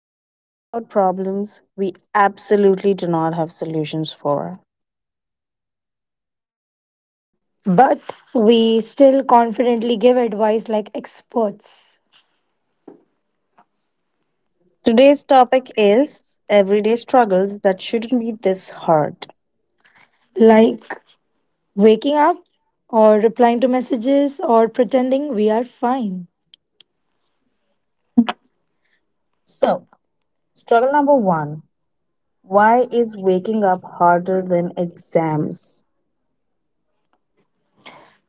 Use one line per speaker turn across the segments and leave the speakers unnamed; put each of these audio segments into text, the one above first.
where we talk about problems we absolutely do not have solutions for.
But we still confidently give advice like experts,
Today's topic is everyday struggles that shouldn't be this hard.
like waking up or replying to messages or pretending we are fine.
So, struggle number one why is waking up harder than exams?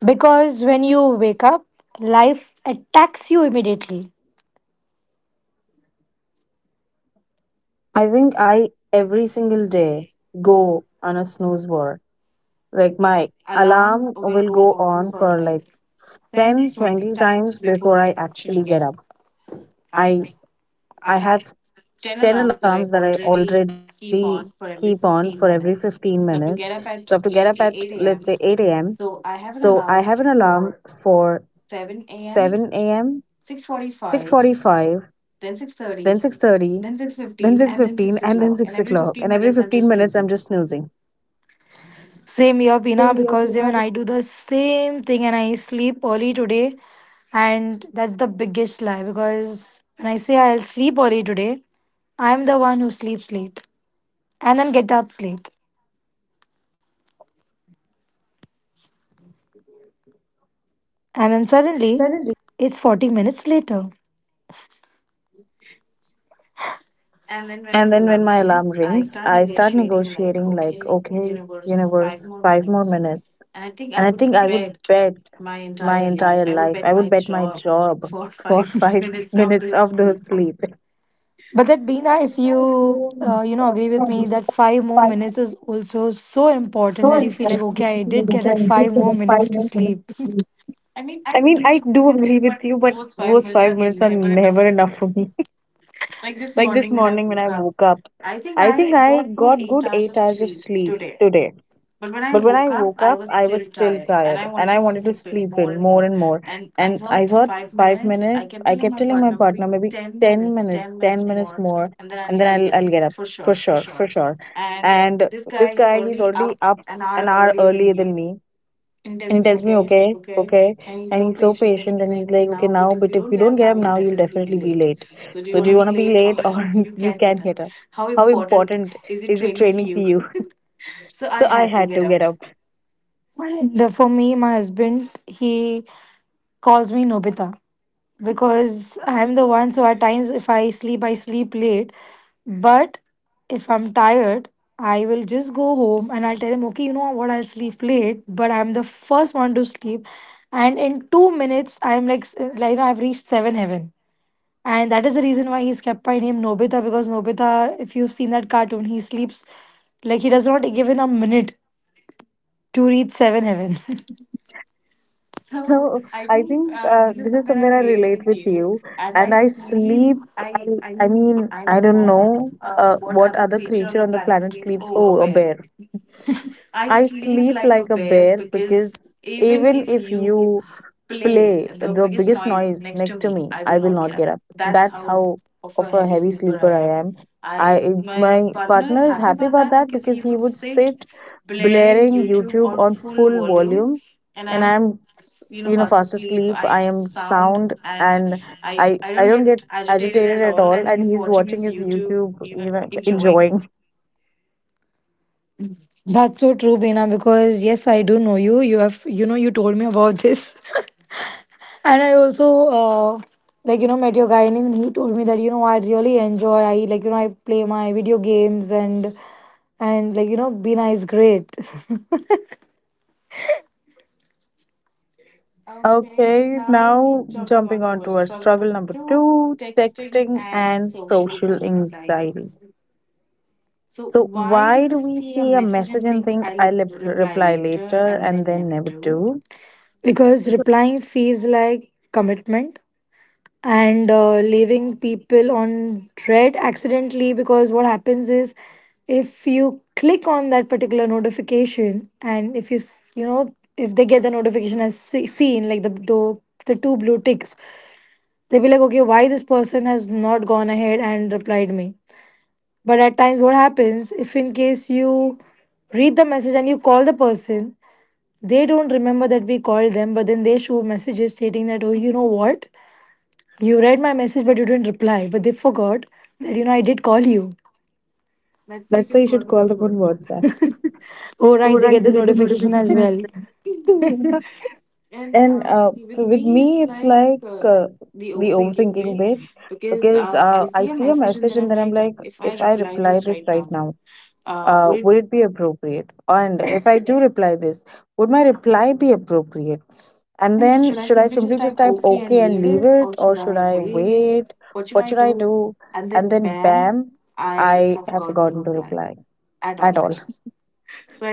Because when you wake up, life attacks you immediately.
I think I every single day go on a snooze war. Like, my alarm will go on for like 10, 20 times before I actually get up. I I have 10 alarms that I already keep on for every 15 minutes. So I have to get up at let's say 8 a.m. So I have an alarm for 7 a.m., 6:45, then 6:30, then 6:15, and then 6 o'clock. And every 15 minutes, I'm just snoozing.
Same here, Pina,
Same here,
because even
Hina.
I do the same thing and I sleep early today. And that's the biggest lie because when I say I'll sleep early today, I'm the one who sleeps late and then get up late. And then
And then
suddenly
suddenly.
it's 40 minutes later.
And then when my alarm rings, I start negotiating like, okay, universe, five more minutes. And I think I would bet my entire life, I would bet my job for 5 minutes of those sleep.
But that Bina, if you you know agree with me that five more
Five,
minutes is also so important that you feel like okay I did get that five more
five
minutes to
minutes.
sleep.
I mean, I do agree with you, but those 5 minutes are never enough for me. Like this morning when I woke up, I think I got good 8 hours of sleep today. But when I woke up, I was still tired and I wanted to sleep in more and more. And I thought 5 minutes, I kept telling my partner maybe 10 minutes more, and then I'll get up for sure, for sure. And this guy, he's already up an hour earlier than me. And he tells me, okay, okay. And he's so patient and he's like, okay, now, but if you don't get up now, you'll definitely be late. So do you want to be late or you can get up? How important is it training for you? So I had to get up.
And for me, my husband, he calls me Nobita because I'm the one. So at times, if I sleep, I sleep late. But if I'm tired, I will just go home and I'll tell him, okay, you know what, I'll sleep late, but I'm the first one to sleep. And in 2 minutes, I'm like, like now I've reached seven heaven. And that is the reason why he's kept my name Nobita, because Nobita, if you've seen that cartoon, he sleeps like he does not give in a minute to reach seven heaven.
So I think this is somewhere I relate with you, and I sleep. I I mean I don't know what other creature on the planet sleeps. Oh, a bear. I sleep like a bear because even if you play the biggest noise next to me, I will not get up. That's how of a heavy sleeper I am. I my partner is happy about that because he would sit blaring YouTube on full volume, and I'm fast asleep. I am sound, and I don't get agitated at all. And he's watching his YouTube, enjoying.
That's so true, Beena, because yes, I do know you. You have, you know, you told me about this. And I also, uh, like, you know, met your guy and even he told me that, you know, I really enjoy, like, you know, I play my video games, and like, you know, Beena is great.
Okay, now jumping on to our struggle number two texting and social anxiety. So, why do we see a message and think I'll reply later and then never do?
Because replying feels like commitment and leaving people on dread accidentally. Because what happens is, if you click on that particular notification, and if you you know, if they get the notification as seen, like the the two blue ticks, they'll be like, okay, why this person has not gone ahead and replied me. But at times what happens, if in case you read the message and you call the person, they don't remember that we called them, but then they show messages stating that, oh, you know what, you read my message, but you didn't reply. But they forgot that, you know, I did call you.
Let's say you should call them on WhatsApp.
Oh,
Oh,
right. They
right.
get the notification as
because-
well.
And so with me, it's like the overthinking bit because I see a message and then I'm like, if I reply this right now, would it be appropriate? And if I do reply this, would my reply be appropriate? And then should I simply just type okay and leave it, or should I wait? What should I do? And then bam, I have forgotten to reply at all.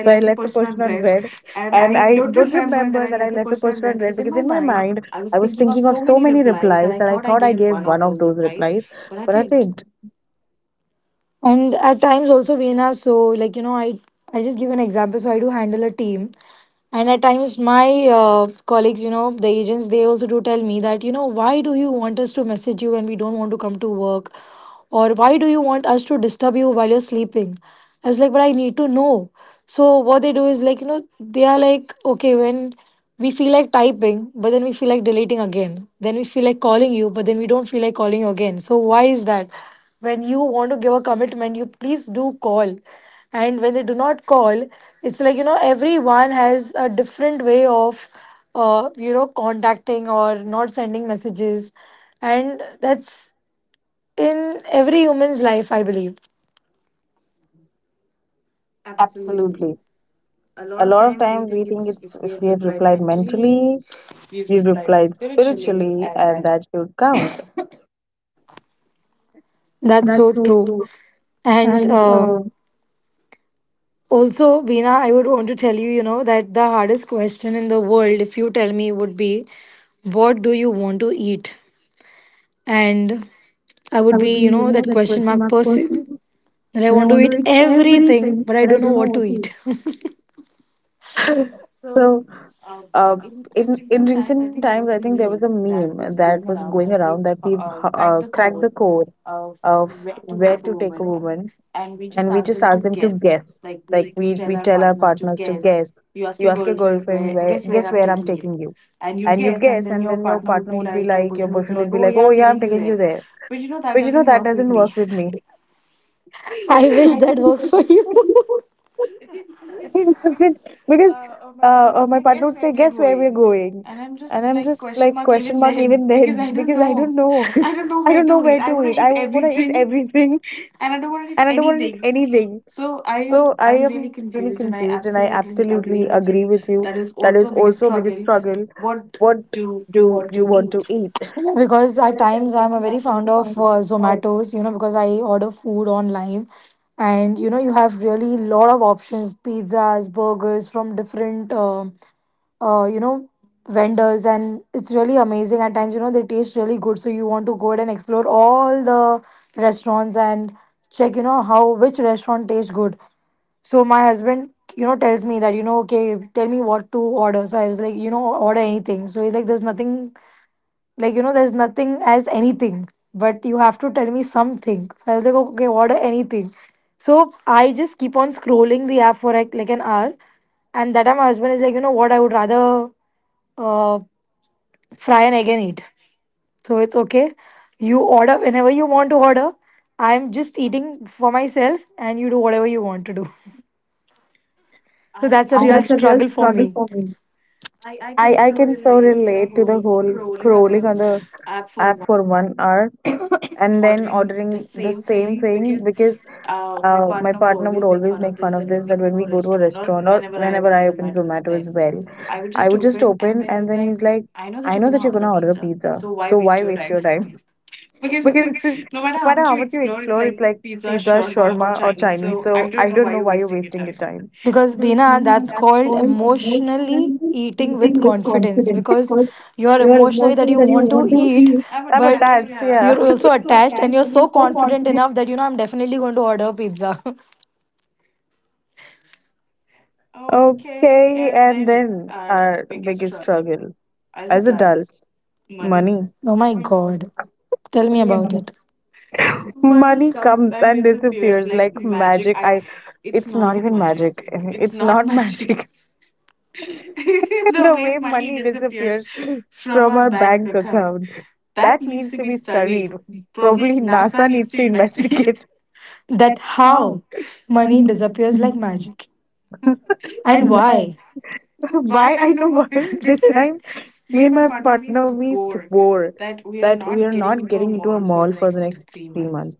So I left the person on red, and I don't remember that I left the person on red because in my mind I was thinking of so many replies that I thought I gave one of those replies, but I didn't.
And at times also, Veena, so like, you know, I just give an example. So I do handle a team. And at times, my colleagues, you know, the agents, they also do tell me that, you know, why do you want us to message you when we don't want to come to work? Or why do you want us to disturb you while you're sleeping? I was like, but I need to know. So what they do is like, you know, they are like, okay, when we feel like typing, but then we feel like deleting again. Then we feel like calling you, but then we don't feel like calling you again. So why is that? When you want to give a commitment, you please do call. And when they do not call, it's like, you know, everyone has a different way of, you know, contacting or not sending messages, and that's in every human's life, I believe.
Absolutely. A lot of times we think it's if we have replied mentally, we've replied spiritually, and that should count.
That's so
That's so
true.
true. I
And
I
also, Veena, I would want to tell you, you know, that the hardest question in the world, if you tell me, would be, what do you want to eat? And I would
would
be,
be,
you know,
you know,
that
that
question
question
mark
mark
person,
person.
that I
And
want
I
to
want
eat
to eat
everything,
everything,
but I
but
don't
I
know
don't
what
know
to
what
eat.
to. So, uh, in recent times, I think there was a meme that was going around that we cracked the code of where to take a woman, and we just ask them to guess. Like we tell our partners to guess. You ask your girlfriend where guess where I'm taking you, and you'd guess, and then your partner would be like, your boyfriend would be like, oh yeah, I'm taking you there. But you know that doesn't work with me.
I wish that works for you.
He doesn't because my partner would say, "Guess where we're going," and I'm just like question mark even then because I don't know. I don't know where to eat. I want to eat everything, and I don't want to eat anything. So I'm really confused, and I absolutely agree with you. That is also a biggest struggle. What do you want to eat? I
Yeah, because at times I'm a very fond of Zomatos, you know, because I order food online, and you know you have really lot of options, pizzas, burgers from different you know, vendors, and it's really amazing. At times, you know, they taste really good, so you want to go ahead and explore all the restaurants and check, you know, how which restaurant tastes good. So my husband, you know, tells me that, you know, okay, tell me what to order. So I was like, you know, order anything. So he's like, there's nothing like, you know, there's nothing as anything, but you have to tell me something. So I was like, okay, order anything? So I just keep on scrolling the app for like an hour. And that time my husband is like, you know what, I would rather uh, fry an egg and eat. So it's okay. You order whenever you want to order. I'm just eating for myself and you do whatever you want to do. So that's a real
That's a real
struggle for
struggle
me.
for me. I can so relate to the whole scrolling on the app for 1 hour and then ordering the same thing because my partner would always make fun of this that when we go to a restaurant or whenever I open Zomato as well, I would just open and then he's like, I know that you're gonna order a pizza, so why waste your time? Because no matter how much you explore, it's like pizza, shawarma, or Chinese, so I don't know why you're wasting your time.
Because
Because
Bina, that's
that's
called
called
emotionally
emotional
eating with confidence.
incident.
Because
Because
you're
your
emotionally that
emotions
you
that you
want to
want to
eat,
heal
I'm
I'm
but attached,
attached,
yeah,
yeah.
you're also attached and
That
you're
and you're
so
so
confident
confident.
enough that you know I'm definitely going to order pizza.
Okay, and then our biggest struggle as adults money.
Oh my god. Tell me about it.
Money comes and disappears like magic. I it's not even magic. It's not magic. The way money disappears from our bank account. That needs to be studied. Probably NASA needs to investigate.
That
That's how
how money
money
disappears like
disappears.
magic. And
And
why?
why I know why this time. Me and my partner, we swore that we are not getting into a mall for the next 3 months.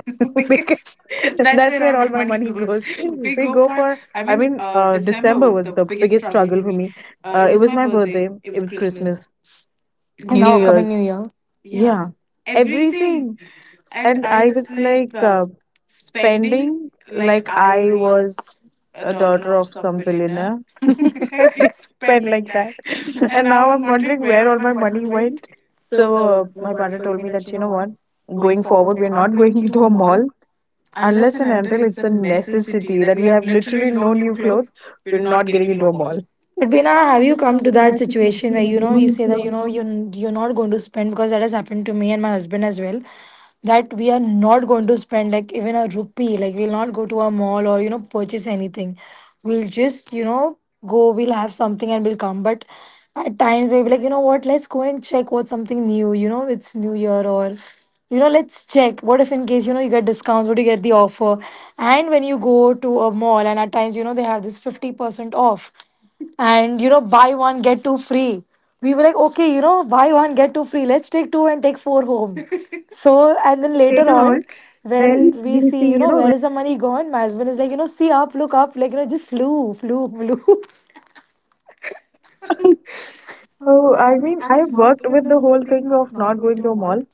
That's where all my money goes. We go for, I mean, December was the biggest struggle for me. It was my birthday, it was Christmas,
And how
New
now
Wow.
coming
Year's,
New Year.
yeah, everything. And I was like spending like I was a daughter of some billionaire. spent like that. And now I'm wondering where all my money went. So my partner told me that, you know what, going forward, we're not going into a mall unless and until it's a necessity that we have literally no new clothes. We're not getting into a mall.
But Bina, have you come to that situation where you know you say that you know you're not going to spend? Because that has happened to me and my husband as well, that we are not going to spend like even a rupee, like we'll not go to a mall or you know purchase anything. We'll just, you know, go, we'll have something and we'll come. But at times we'll be like, you know what, let's go and check what's something new. You know, it's New Year, or you know, let's check what, if in case, you know, you get discounts, what do you get the offer. And when you go to a mall, and at times you know they have this 50% off and you know buy one get two free, we were like, okay, you know, buy one get two free, let's take two and take four home. So and then later on
Not,
when
Then
we
we
see,
see,
you know, where is the money gone, my husband is like, you know, see up, look up, like, you know, just flew, flew, flew.
when- so I mean, I worked with the whole thing of not going to a mall.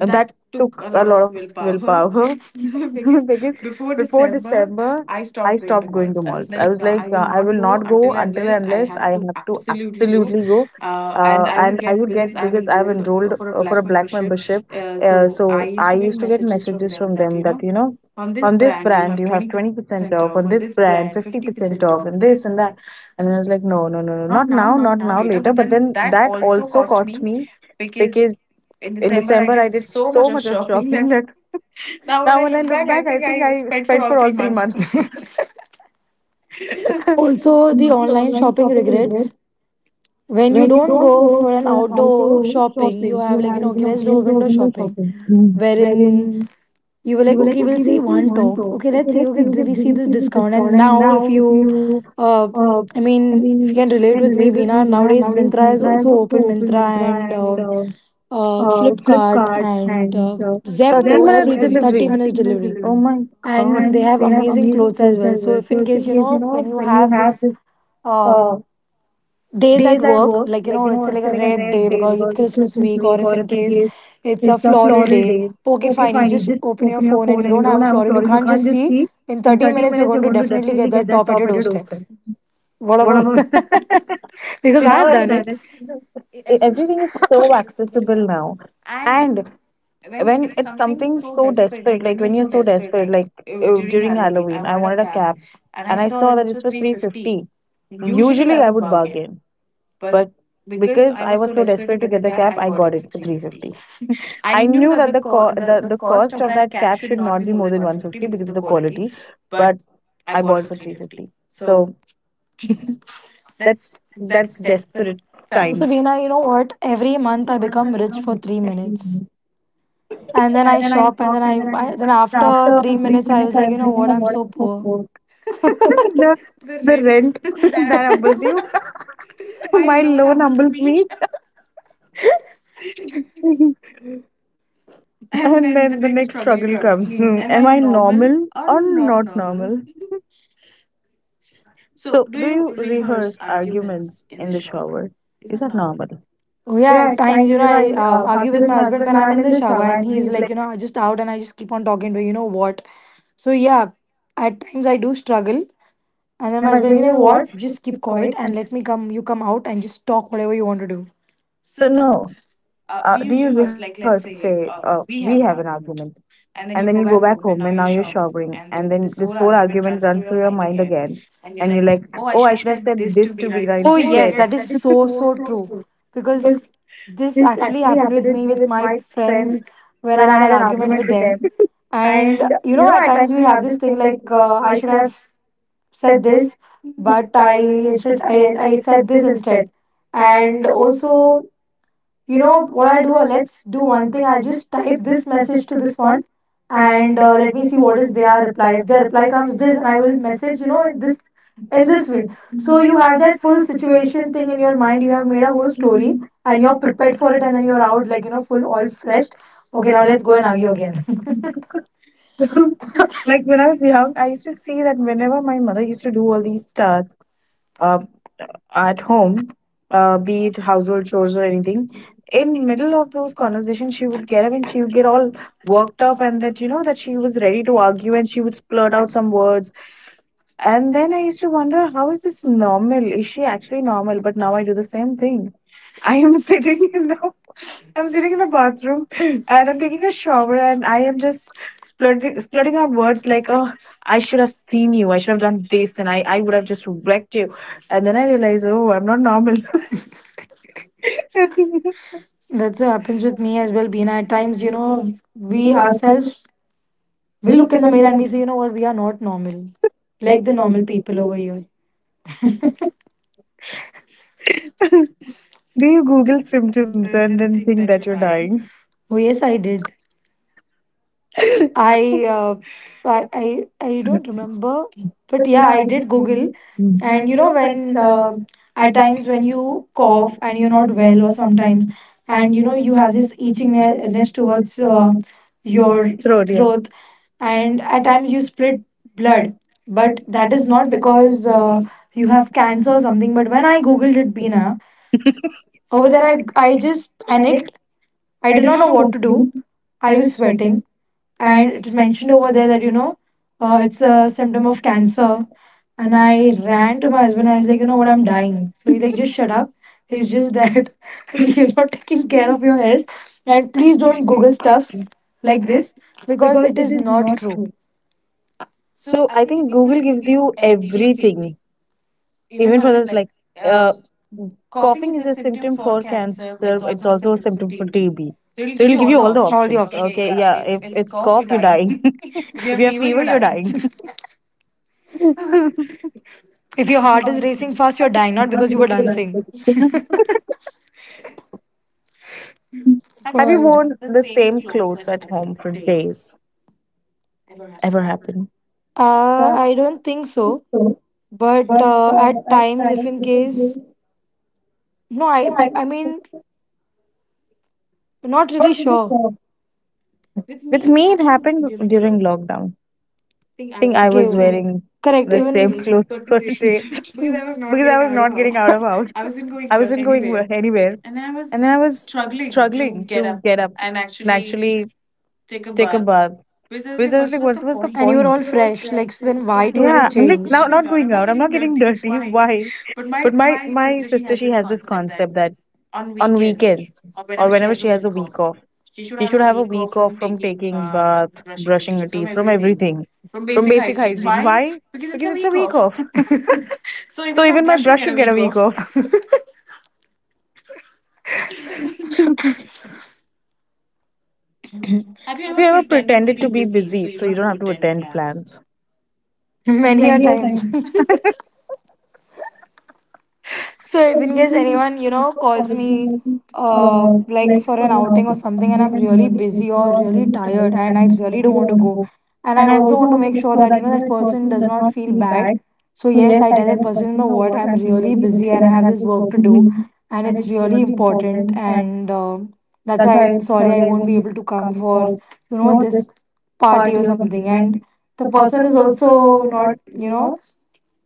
That took a lot of willpower because before December, I stopped going to malls. I was like, I will not go until and unless I have to absolutely go. And I would get because I've enrolled for a black membership. So I used to get messages from them that, on this brand you have 20% off, on this brand 50% off, and this and that. And I was like, no, no, no, no, not now, not now, later. But then that also cost me because in December I did so much of shopping that Now, when I look back, I think I spent for all 3 months.
Also, the online shopping regrets.
Cigarettes.
When you
When you
don't
go
go for
to,
an outdoor
you
shopping, you have like, you
have
know,
like,
okay, let's do a
let's go
window
window
shopping,
shopping. Mm.
wherein
Mm.
you were
You
like,
were like,
okay, we'll
okay,
see
we'll see
one
one
top.
top.
Okay,
Okay,
let's see.
let's see you
We
get
see
busy
this
people
discount. And
discount.
now,
And
if
now
you,
you,
uh,
uh,
I
I
mean,
mean,
if you can relate with me, Bina, nowadays
nowadays
Mintra is
Myntra is
also
also
open,
open
Mintra and
Myntra, uh,
Flipkart
cart
and
and 30 have
Zepto,
minutes
everything,
provided
30 minutes delivery.
delivery. Oh my god.
And they
And
have
they have
amazing
amazing
clothes as
clothes
well.
as
So,
well.
if
So
in
if
case, you
you, you
know, when
know
you
when you
have
have
this
this
uh,
uh,
days at
days at
work,
work,
like, you
like
know, it's like
it's
a
like a
red
red
day
day
because it's
because it's
Christmas
Christmas
week, or
week,
if
or
in
if in
case
case
it's a
it's a
floral
full
day,
day,
okay, fine,
if
you
I need
just
just
open your
open your
phone, and
phone
you
and
don't
you
have
don't
a
have a
floral, you
floral, you
can't
can't
just
just
see,
see.
in 30 minutes you're going to definitely get
Definitely get
that top at
your
your doorstep.
hosted.
What about because I
Now
have
that
done it.
everything is everything is so accessible now and when it's something so desperate like when you're so desperate like during Halloween I wanted a cap and I saw that it's for 350. Usually I would bargain but. Because I was so desperate to get the cap, I got it for 350. I knew that the co- the cost of that cap should not be more than 150 because of the quality, but I bought for 350. So that's that's desperate
Also,
times.
Beena, you know what, every month I
The,
become rich for 3 minutes, and then I shop, and then I then after 3 minutes I was like, you know what, I'm so poor.
the rent that humbles you, my loan humbles me. And then the next struggle comes. Am I normal or not normal? So, do you rehearse arguments in the shower? Is that normal?
Oh yeah,
Yeah,
at times, you know, I
I
argue
argue
with
with
my
my
husband
husband
when
when
I'm
I'm
in
in
the
the
shower,
shower
and
and
he's
he's
like,
like,
you know, just out, and I just keep on talking to, you know what. So yeah, at times I do struggle, and
and
then my
then my
husband, you
husband,
know
he's like,
what?
what?
Just
Just
keep
keep
quiet
quiet.
and
And
let me come. You come out and just talk whatever you want to do.
So, no. Do you rehearse? Like, let's say we have an argument, and then you go back home, and now you're
Shocked.
showering, and then this whole argument runs through your mind again. And you're like, oh, I should have said this to Veena
Oh
instead.
yes, that
Yeah,
is
it's
so
so,
so
so
true.
true. Because
Because this
this
actually
actually
happened
happened
with
with
me
me
with
with
my
my friends
friends when
when
I
I
had
had
an
an
argument
argument
with
with them.
them, and
And
you know at
at times
times we have this thing like I should have said this, but
I,
I said this instead. And also, you know what
what
I'll
I'll
do?
do, let's
Let's do
do
one
one
thing. I'll just type
this
this
message
message to
to this
this
one,
one, and
and
let
let
me
me
see
see
what
what
is their reply. If their reply
is
comes this,
this,
and
and
I
I
will
will message,
message, you know, in
in this
this way. So
so
you have that full situation thing
thing,
in
and you
your
have
mind. You have made
made
a whole
a
story,
story
and you're prepared
wait
for
for
it,
it,
and
and I
then you're out like, you know, full
will all
all freshed. Okay,
okay
now
now
let's
let's.
go and argue again.
Like when I was young, I used to see that whenever my mother used to do all these tasks, uh, at home, be it household chores or anything, in middle of those conversations, she would get up and she would get all worked up, and that you know that she was ready to argue, and she would splurt out some words. And then I used to wonder, how is this normal? Is she actually normal? But now I do the same thing. I am sitting in the I'm sitting in the bathroom and I'm taking a shower and I am just splurting out words like, oh, I should have seen you. I should have done this and I would have just wrecked you. And then I realize, oh, I'm not normal. Do
That's what happens with me as well, Beena. At times, you know, we ourselves, we look in the mirror and we say, you know what, we are not normal, like the normal people over here.
you Google symptoms and then think that you're dying?
Oh yes, I did. I uh, I don't remember, but yeah, I did Google,
Mm.
and you know when at times when you cough and
And
you're
you're
not
not well
well, or
or
sometimes,
sometimes.
and
And
you
you
know
know,
you
you
have
have
this
itching edge
itchingness
towards
towards your
your
throat.
throat, yeah.
Throat,
Throat.
and at times you split blood, but that is not because you
You have
have cancer or something.
something,
But
but
when I googled
Google
it,
with me
Bina,
now,
over there, I just panicked. I did not know what to do. I was
I think.
sweating. And
And
it was mentioned
mentioned
over
over
there that, you know, it's a symptom
symptom of
of
cancer.
cancer. And
And I
I
ran
ran to
to
my
my
husband.
husband.
I
I
was
was
like,
like,
you
you
know
know
what,
what,
I'm
I'm dying
dying. So he's like, just shut up. It's just that you're not taking care of your health. And please don't Google stuff like
like this
this because
because
it
it
is
is not
not
true.
true.
So I think Google gives you everything even for the like uh, coughing is a symptom for cancer, it's also a symptom for TB, so it'll give you all the options okay, okay, yeah, if it's cough you're dying. If you have fever you're dying.
If your heart is racing fast, you're dying, not because you were dancing.
Have you worn the same clothes at home for days, ever happened? uh,
I don't think so.
so,
But at
at
times, if
times
in
it can
case,
be-
no, I mean, not really sure. I
With me, it happened during lockdown. I think I was wearing
correct.
same clothes for days because I was not getting out of house. I wasn't going anywhere, and then I was struggling to get up and actually take a bath because I was like, what's the
And you were
point?"
all fresh. Like, so then why to
Yeah,
even
I'm like
change?
now not going out. I'm not getting dirty. Why? But my sister, she has this concept that on weekends or whenever she has a week off, she should have a week off from taking bath, brushing her teeth, from everything, from basic hygiene. Why? Because it's a week off. So even my brush should get a week off. Have you ever pretended to be busy so you don't have to attend plans?
Many a
Yeah,
times.
time.
So if
So
in case anyone, you know, calls me like
like
for
for
an
an hour
outing or
and
something and I'm
I'm
really
really if
busy
you
or
are
really
really
tired
tired
and I
and
really
you
don't
don't
want to
want to
go.
go.
And I
I
also
also
want to
want
make
to
sure that, you know, that person does not feel
feel
bad.
bad.
So
So
yes, I
yes, I
tell that person, you know what, I'm really busy and I have this work
hope.
to do
Mhm.
and
And
it's
it's
really important and um, that's why I'm sorry I
I
won't be
won't be
able to come for, you know, this party or
party or
something.
something.
And
And
the
the
person
person
is
is
also
also
not, you know,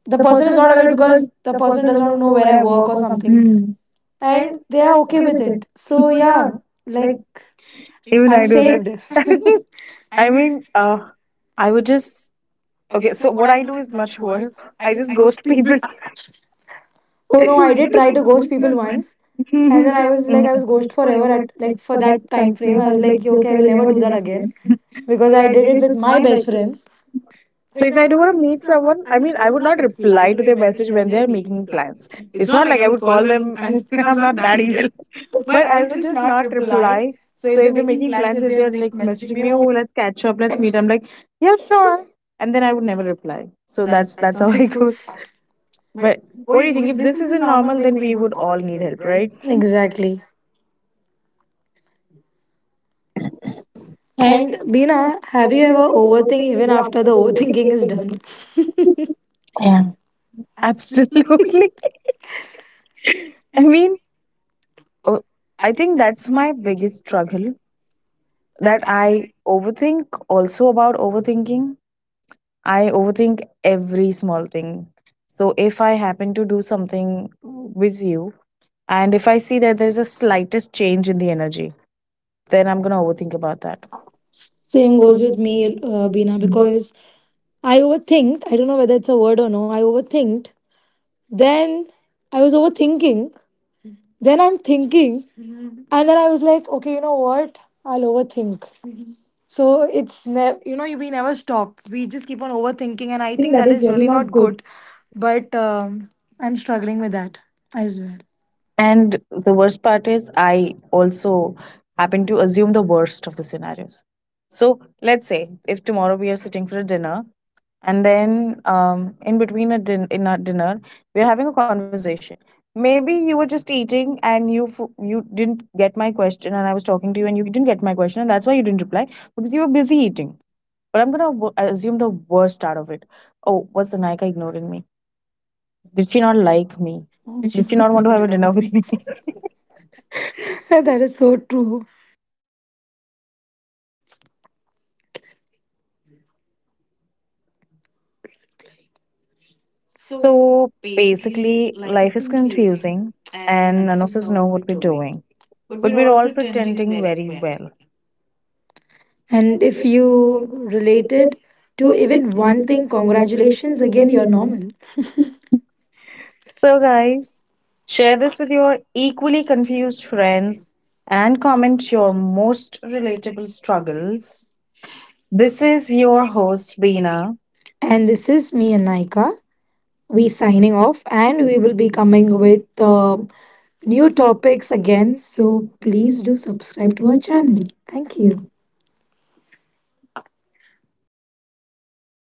the person is not aware because the person does not know where I work or something. Mm.
complaining. Hmm.
And they are okay with it. So yeah, like,
Even
I'm
I do
saved.
that. I mean, I would just okay. So what I do is much worse. I just ghost people.
Oh no, I did try to ghost people once, and
And
then
then
I
I was
was
like,
like, I
mhm,
was
like,
ghost forever at like for
for
that
that
time
time
frame.
frame,
I
I
was
was like,
like, yeah, okay,
okay,
I
I will
will never
never
do
do
that
that
again
again.
because
Because
I
I
did
did
it
it
with
with
my
my
best
best.
friends.
So if I do want to meet someone, I mean, I would not reply to their message when they are making plans. It's not like I would call them, and I'm not that evil, but I would just not reply. So if they're making plans, if they're like messaging me, oh, let's catch up, let's meet. I'm like, yeah, sure, and then I would never reply. So that's how I go. But what do you think? If this isn't normal, then we would all need help, right?
Exactly. And Bina, have you ever overthink even after the overthinking is done?
Yeah, absolutely. I mean, oh, I think that's my biggest struggle that I overthink also about overthinking. I overthink every small thing. So if I happen to do something with you and if I see that there's a slightest change in the energy, then I'm going to overthink about that.
Same goes with me, Bina, because I overthinked. I don't know whether it's a word or no. I overthinked. Then I was overthinking. Then I'm thinking. And then I was like, okay, you know what? I'll overthink. So it's ne. You know, we never stop. We just keep on overthinking.
And
And
I
I
think
think
that
that
is
is
really
really
not
not
good.
good. But I'm struggling with that as well.
And the worst part is, I also happen to assume the worst of the scenarios. So let's say if tomorrow we are sitting for a dinner and then in between a in our dinner we're having a conversation, maybe you were just eating and you you didn't get my question and I was talking to you and you didn't get my question and that's why you didn't reply because you were busy eating, but I'm gonna assume the worst out of it. Oh, was Anika ignoring me? Did she not like me? Did she not want to have a dinner with me?
That is so true.
So basically life is confusing and none of us know what we're doing, but we're all pretending very well.
And if you related to even one thing, congratulations. Again, you're normal.
So, guys, share this with your equally confused friends and comment your most relatable struggles. This is your host, Beena.
And this is me and Naika. We signing off and we will be coming with um, new topics again, so please do subscribe to our channel. Thank you.